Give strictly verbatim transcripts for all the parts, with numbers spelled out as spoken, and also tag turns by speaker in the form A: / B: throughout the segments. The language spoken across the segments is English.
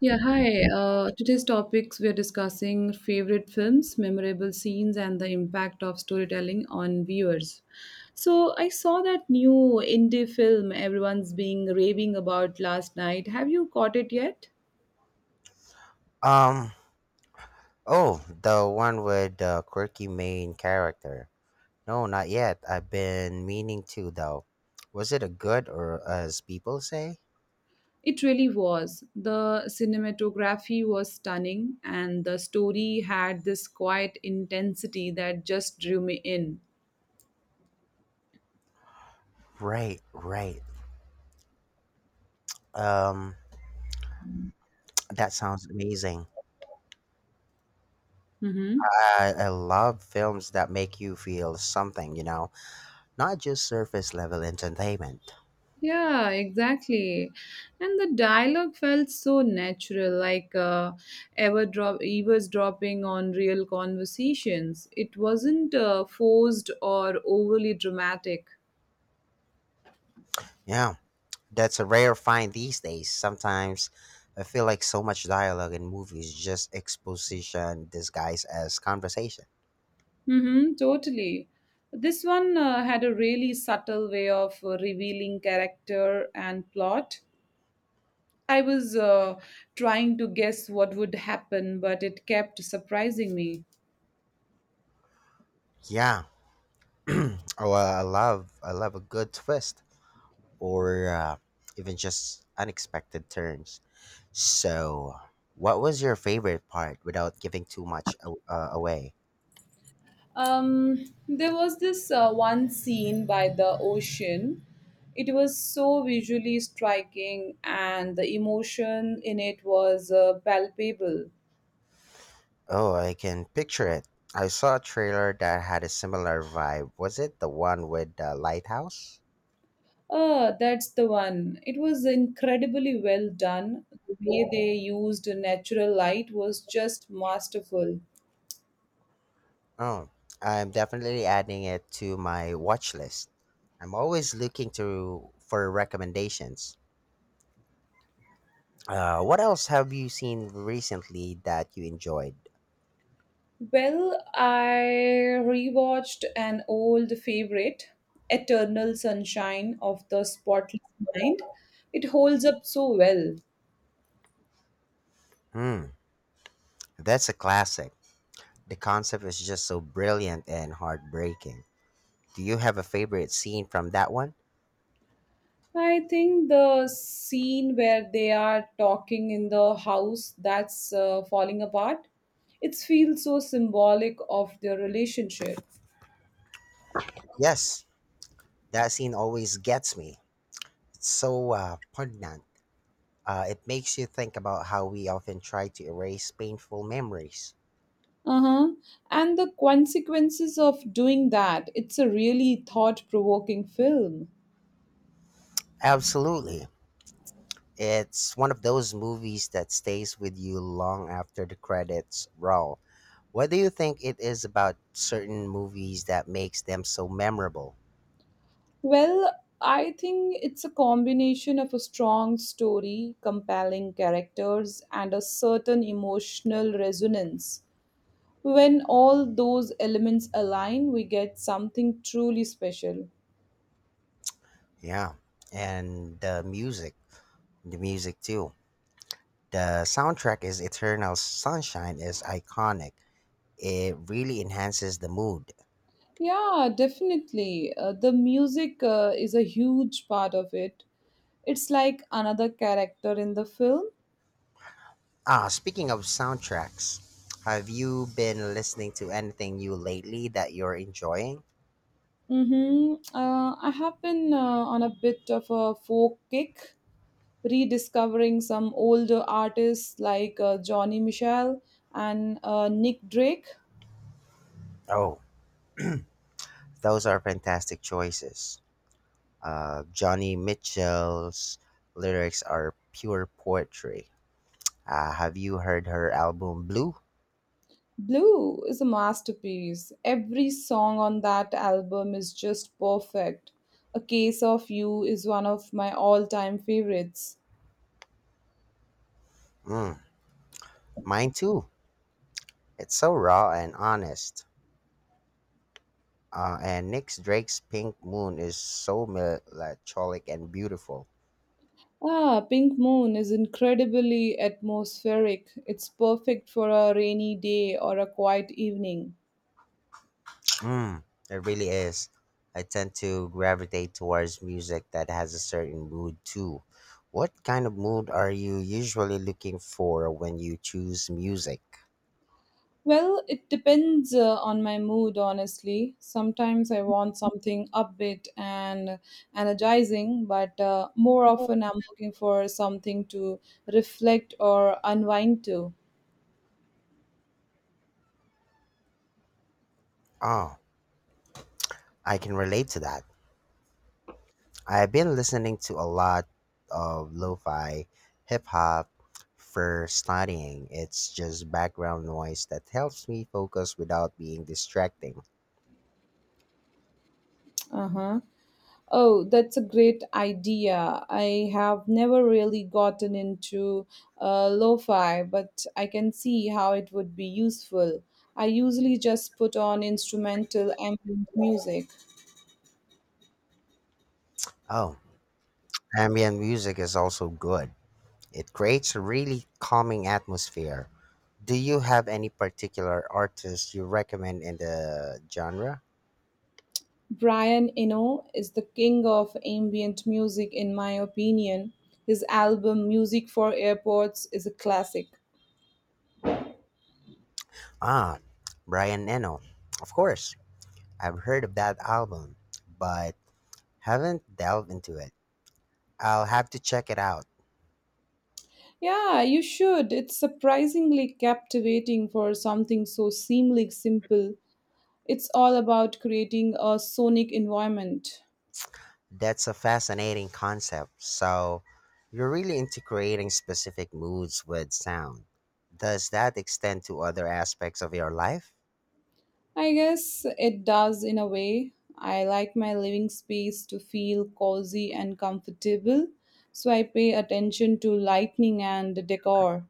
A: Yeah, hi. Uh, today's topics, we are discussing favorite films, memorable scenes, and the impact of storytelling on viewers. So I saw that new indie film everyone's being raving about last night. Have you caught it yet?
B: Um, oh, the one with the quirky main character. No, not yet. I've been meaning to though. Was it a good or as people say?
A: It really was. The cinematography was stunning, and the story had this quiet intensity that just drew me in.
B: Right, right. Um, that sounds amazing.
A: Mm-hmm.
B: I, I love films that make you feel something, you know? Not just surface level entertainment.
A: Yeah, exactly. And the dialogue felt so natural, like uh, ever drop, eavesdropping on real conversations. It wasn't uh, forced or overly dramatic.
B: Yeah, that's a rare find these days. Sometimes I feel like so much dialogue in movies just exposition disguised as conversation.
A: Mm-hmm, totally. This one uh, had a really subtle way of uh, revealing character and plot. I was uh, trying to guess what would happen, but it kept surprising me.
B: Yeah, oh, I I love I love a good twist or uh, even just unexpected turns. So, what was your favorite part without giving too much a- uh, away?
A: Um, there was this uh, one scene by the ocean. It was so visually striking, and the emotion in it was uh, palpable.
B: Oh, I can picture it. I saw a trailer that had a similar vibe. Was it the one with the lighthouse?
A: Oh, that's the one. It was incredibly well done. The way they used natural light was just masterful.
B: Oh, I'm definitely adding it to my watch list. I'm always looking to for recommendations. Uh, what else have you seen recently that you enjoyed?
A: Well, I rewatched an old favorite, Eternal Sunshine of the Spotless Mind. It holds up so well.
B: Hmm, that's a classic. The concept is just so brilliant and heartbreaking. Do you have a favorite scene from that one?
A: I think the scene where they are talking in the house that's uh, falling apart, it feels so symbolic of their relationship.
B: Yes, that scene always gets me. It's so uh, poignant. Uh, it makes you think about how we often try to erase painful memories.
A: Uh-huh. And the consequences of doing that, it's a really thought-provoking film.
B: Absolutely. It's one of those movies that stays with you long after the credits roll. What do you think it is about certain movies that makes them so memorable?
A: Well, I think it's a combination of a strong story, compelling characters, and a certain emotional resonance. When all those elements align, we get something truly special.
B: Yeah. And the music, the music too. The soundtrack is Eternal Sunshine is iconic. It really enhances the mood.
A: Yeah, definitely. Uh, the music uh, is a huge part of it. It's like another character in the film.
B: Ah, speaking of soundtracks, have you been listening to anything new lately that you're enjoying?
A: Mm-hmm. Uh, I have been uh, on a bit of a folk kick, rediscovering some older artists like uh, Johnny Mitchell and uh, Nick Drake.
B: Oh, those are fantastic choices. Uh, Johnny Mitchell's lyrics are pure poetry. Uh, have you heard her album Blue?
A: Blue is a masterpiece. Every song on that album is just perfect. A Case of You is one of my all time favorites.
B: Mm, mine too. It's so raw and honest. Uh, and Nick Drake's Pink Moon is so melancholic and beautiful.
A: Ah, Pink Moon is incredibly atmospheric. It's perfect for a rainy day or a quiet evening.
B: Mm, it really is. I tend to gravitate towards music that has a certain mood too. What kind of mood are you usually looking for when you choose music?
A: Well, it depends uh, on my mood, honestly. Sometimes I want something upbeat and energizing, but uh, more often I'm looking for something to reflect or unwind to.
B: Oh, I can relate to that. I've been listening to a lot of lo-fi hip hop for studying. It's just background noise that helps me focus without being distracting.
A: Uh-huh. Oh, that's a great idea. I have never really gotten into uh, lo-fi, but I can see how it would be useful. I usually just put on instrumental ambient music.
B: Oh, ambient music is also good. It creates a really calming atmosphere. Do you have any particular artists you recommend in the genre?
A: Brian Eno is the king of ambient music, in my opinion. His album, Music for Airports, is a classic.
B: Ah, Brian Eno. Of course, I've heard of that album, but haven't delved into it. I'll have to check it out.
A: Yeah, you should. It's surprisingly captivating for something so seemingly simple. It's all about creating a sonic environment.
B: That's a fascinating concept. So, you're really into creating specific moods with sound. Does that extend to other aspects of your life?
A: I guess it does in a way. I like my living space to feel cozy and comfortable, so I pay attention to lighting and decor.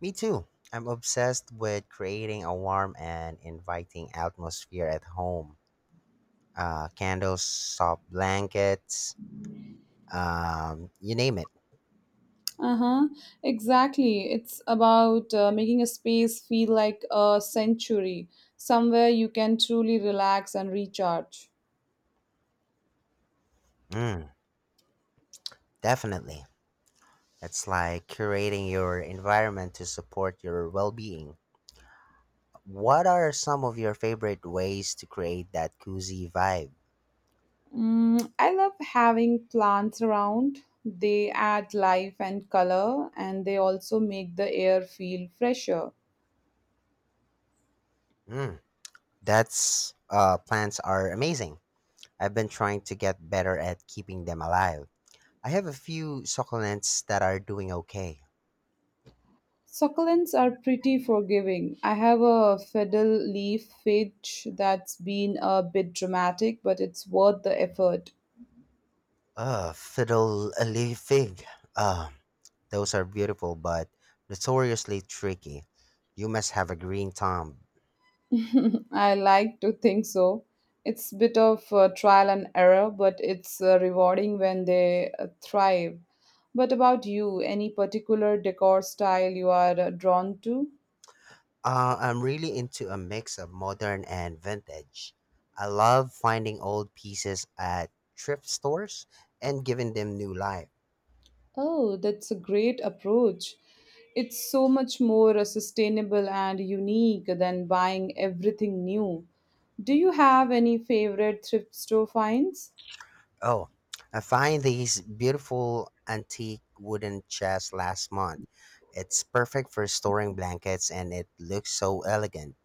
B: Me too. I'm obsessed with creating a warm and inviting atmosphere at home. Uh, candles, soft blankets, um, you name it.
A: Uh-huh. Exactly. It's about uh, making a space feel like a sanctuary, somewhere you can truly relax and recharge.
B: Mm, definitely. It's like curating your environment to support your well being. What are some of your favorite ways to create that cozy vibe?
A: Mm, I love having plants around. They add life and color, and they also make the air feel fresher.
B: Mm, that's uh, plants are amazing. I've been trying to get better at keeping them alive. I have a few succulents that are doing okay.
A: Succulents are pretty forgiving. I have a fiddle leaf fidge that's been a bit dramatic, but it's worth the effort.
B: Uh, fiddle a leaf fig. Uh, those are beautiful, but notoriously tricky. You must have a green thumb.
A: I like to think so. It's a bit of uh, trial and error, but it's uh, rewarding when they uh, thrive. But about you, any particular decor style you are uh, drawn to?
B: Uh, I'm really into a mix of modern and vintage. I love finding old pieces at thrift stores and giving them new life.
A: Oh, that's a great approach. It's so much more uh, sustainable and unique than buying everything new. Do you have any favorite thrift store finds?
B: Oh, I find these beautiful antique wooden chests last month. It's perfect for storing blankets and it looks so elegant.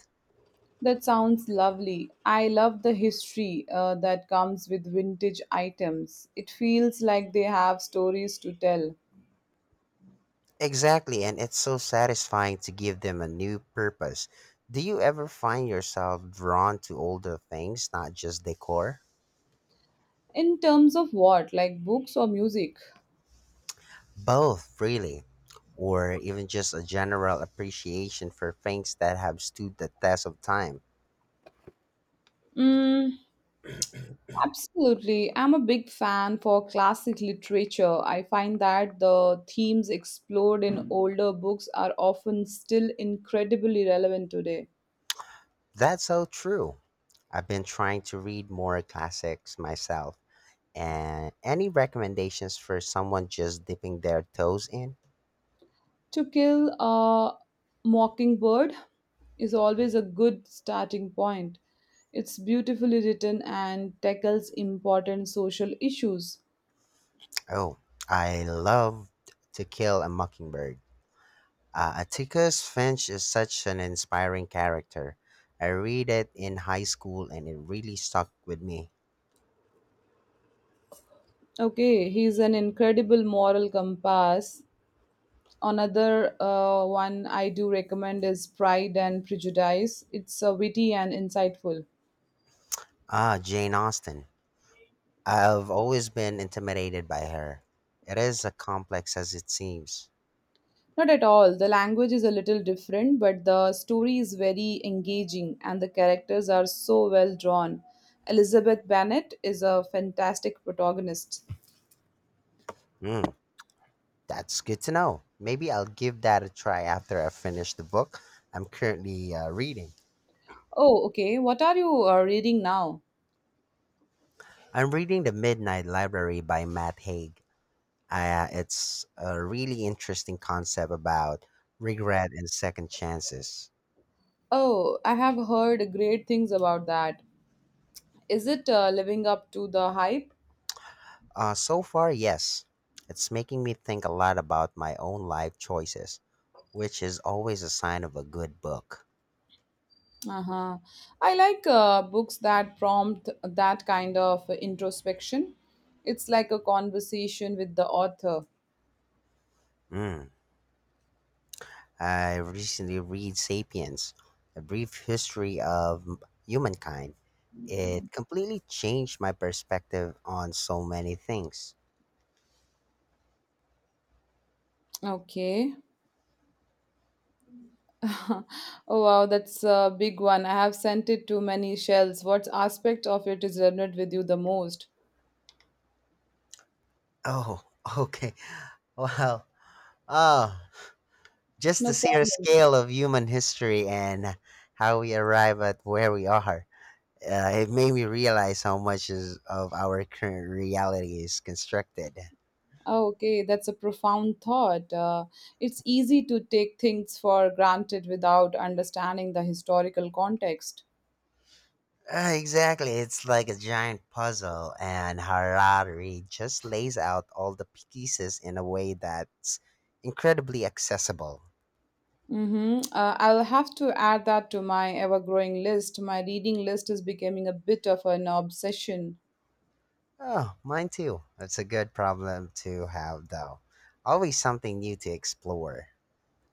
A: That sounds lovely. I love the history uh, that comes with vintage items. It feels like they have stories to tell.
B: Exactly, and it's so satisfying to give them a new purpose. Do you ever find yourself drawn to older things, not just decor?
A: In terms of what, like books or music?
B: Both, really, or even just a general appreciation for things that have stood the test of time.
A: Mm, absolutely. I'm a big fan for classic literature. I find that the themes explored in older books are often still incredibly relevant today.
B: That's so true. I've been trying to read more classics myself. And any recommendations for someone just dipping their toes in?
A: To Kill a Mockingbird is always a good starting point. It's beautifully written and tackles important social issues.
B: Oh, I love To Kill a Mockingbird. Uh, Atticus Finch is such an inspiring character. I read it in high school and it really stuck with me.
A: Okay, he's an incredible moral compass. Another uh, one I do recommend is Pride and Prejudice. It's uh, witty and insightful.
B: Ah, Jane Austen. I've always been intimidated by her. It is as complex as it seems.
A: Not at all. The language is a little different, but the story is very engaging and the characters are so well drawn. Elizabeth Bennet is a fantastic protagonist.
B: Hmm, that's good to know. Maybe I'll give that a try after I finish the book I'm currently uh, reading.
A: Oh, okay. What are you uh, reading now?
B: I'm reading The Midnight Library by Matt Haig. Uh, it's a really interesting concept about regret and second chances.
A: Oh, I have heard great things about that. Is it uh, living up to the hype?
B: Uh, so far, yes. It's making me think a lot about my own life choices, which is always a sign of a good book.
A: Uh-huh. I like uh, books that prompt that kind of introspection. It's like a conversation with the author.
B: Mm. I recently read Sapiens, A Brief History of Humankind. It completely changed my perspective on so many things.
A: Okay. Oh wow, that's a big one. I have sent it to many shells. What aspect of it is resonant with you the most?
B: Oh, okay. Well, oh, just
A: No
B: the sheer
A: problem.
B: scale of human history and how we arrive at where we are. Uh, it made me realize how much is of our current reality is constructed.
A: Oh, okay, that's a profound thought. Uh, it's easy to take things for granted without understanding the historical context.
B: Uh, exactly, it's like a giant puzzle, and Harari just lays out all the pieces in a way that's incredibly accessible.
A: Mm-hmm. Uh, I'll have to add that to my ever growing list. My reading list is becoming a bit of an obsession.
B: Oh, mine too. That's a good problem to have, though. Always something new to explore.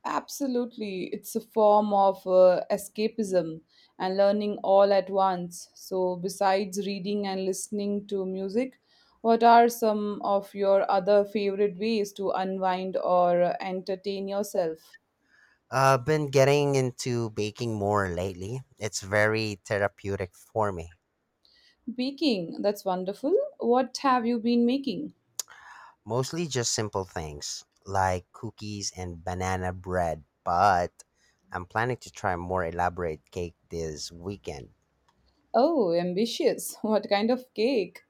A: Absolutely. It's a form of uh, escapism and learning all at once. So, besides reading and listening to music, what are some of your other favorite ways to unwind or uh, entertain yourself?
B: I've been getting into baking more lately. It's very therapeutic for me.
A: Baking, that's wonderful. What have you been making?
B: Mostly just simple things like cookies and banana bread, but I'm planning to try more elaborate cake this weekend.
A: Oh, ambitious. What kind of cake?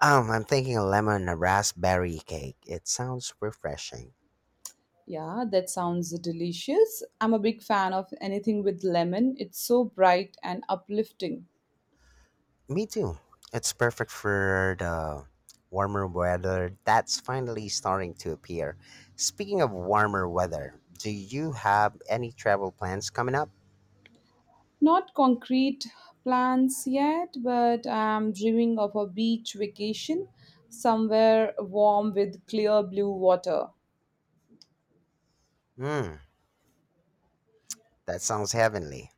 B: Um, I'm thinking a lemon and raspberry cake. It sounds refreshing.
A: Yeah, that sounds delicious. I'm a big fan of anything with lemon. It's so bright and uplifting.
B: Me too. It's perfect for the warmer weather that's finally starting to appear. Speaking of warmer weather, do you have any travel plans coming up?
A: Not concrete plans yet, but I'm dreaming of a beach vacation somewhere warm with clear blue water.
B: Hmm, that sounds heavenly.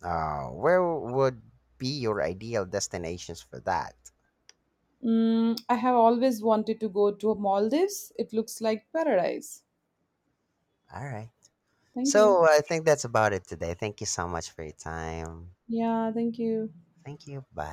B: Uh, where would be your ideal destinations for that?
A: Mm, I have always wanted to go to Maldives. It looks like paradise.
B: All right.
A: Thank you.
B: So I think that's about it today. Thank you so much for your time.
A: Yeah, thank you.
B: Thank you. Bye.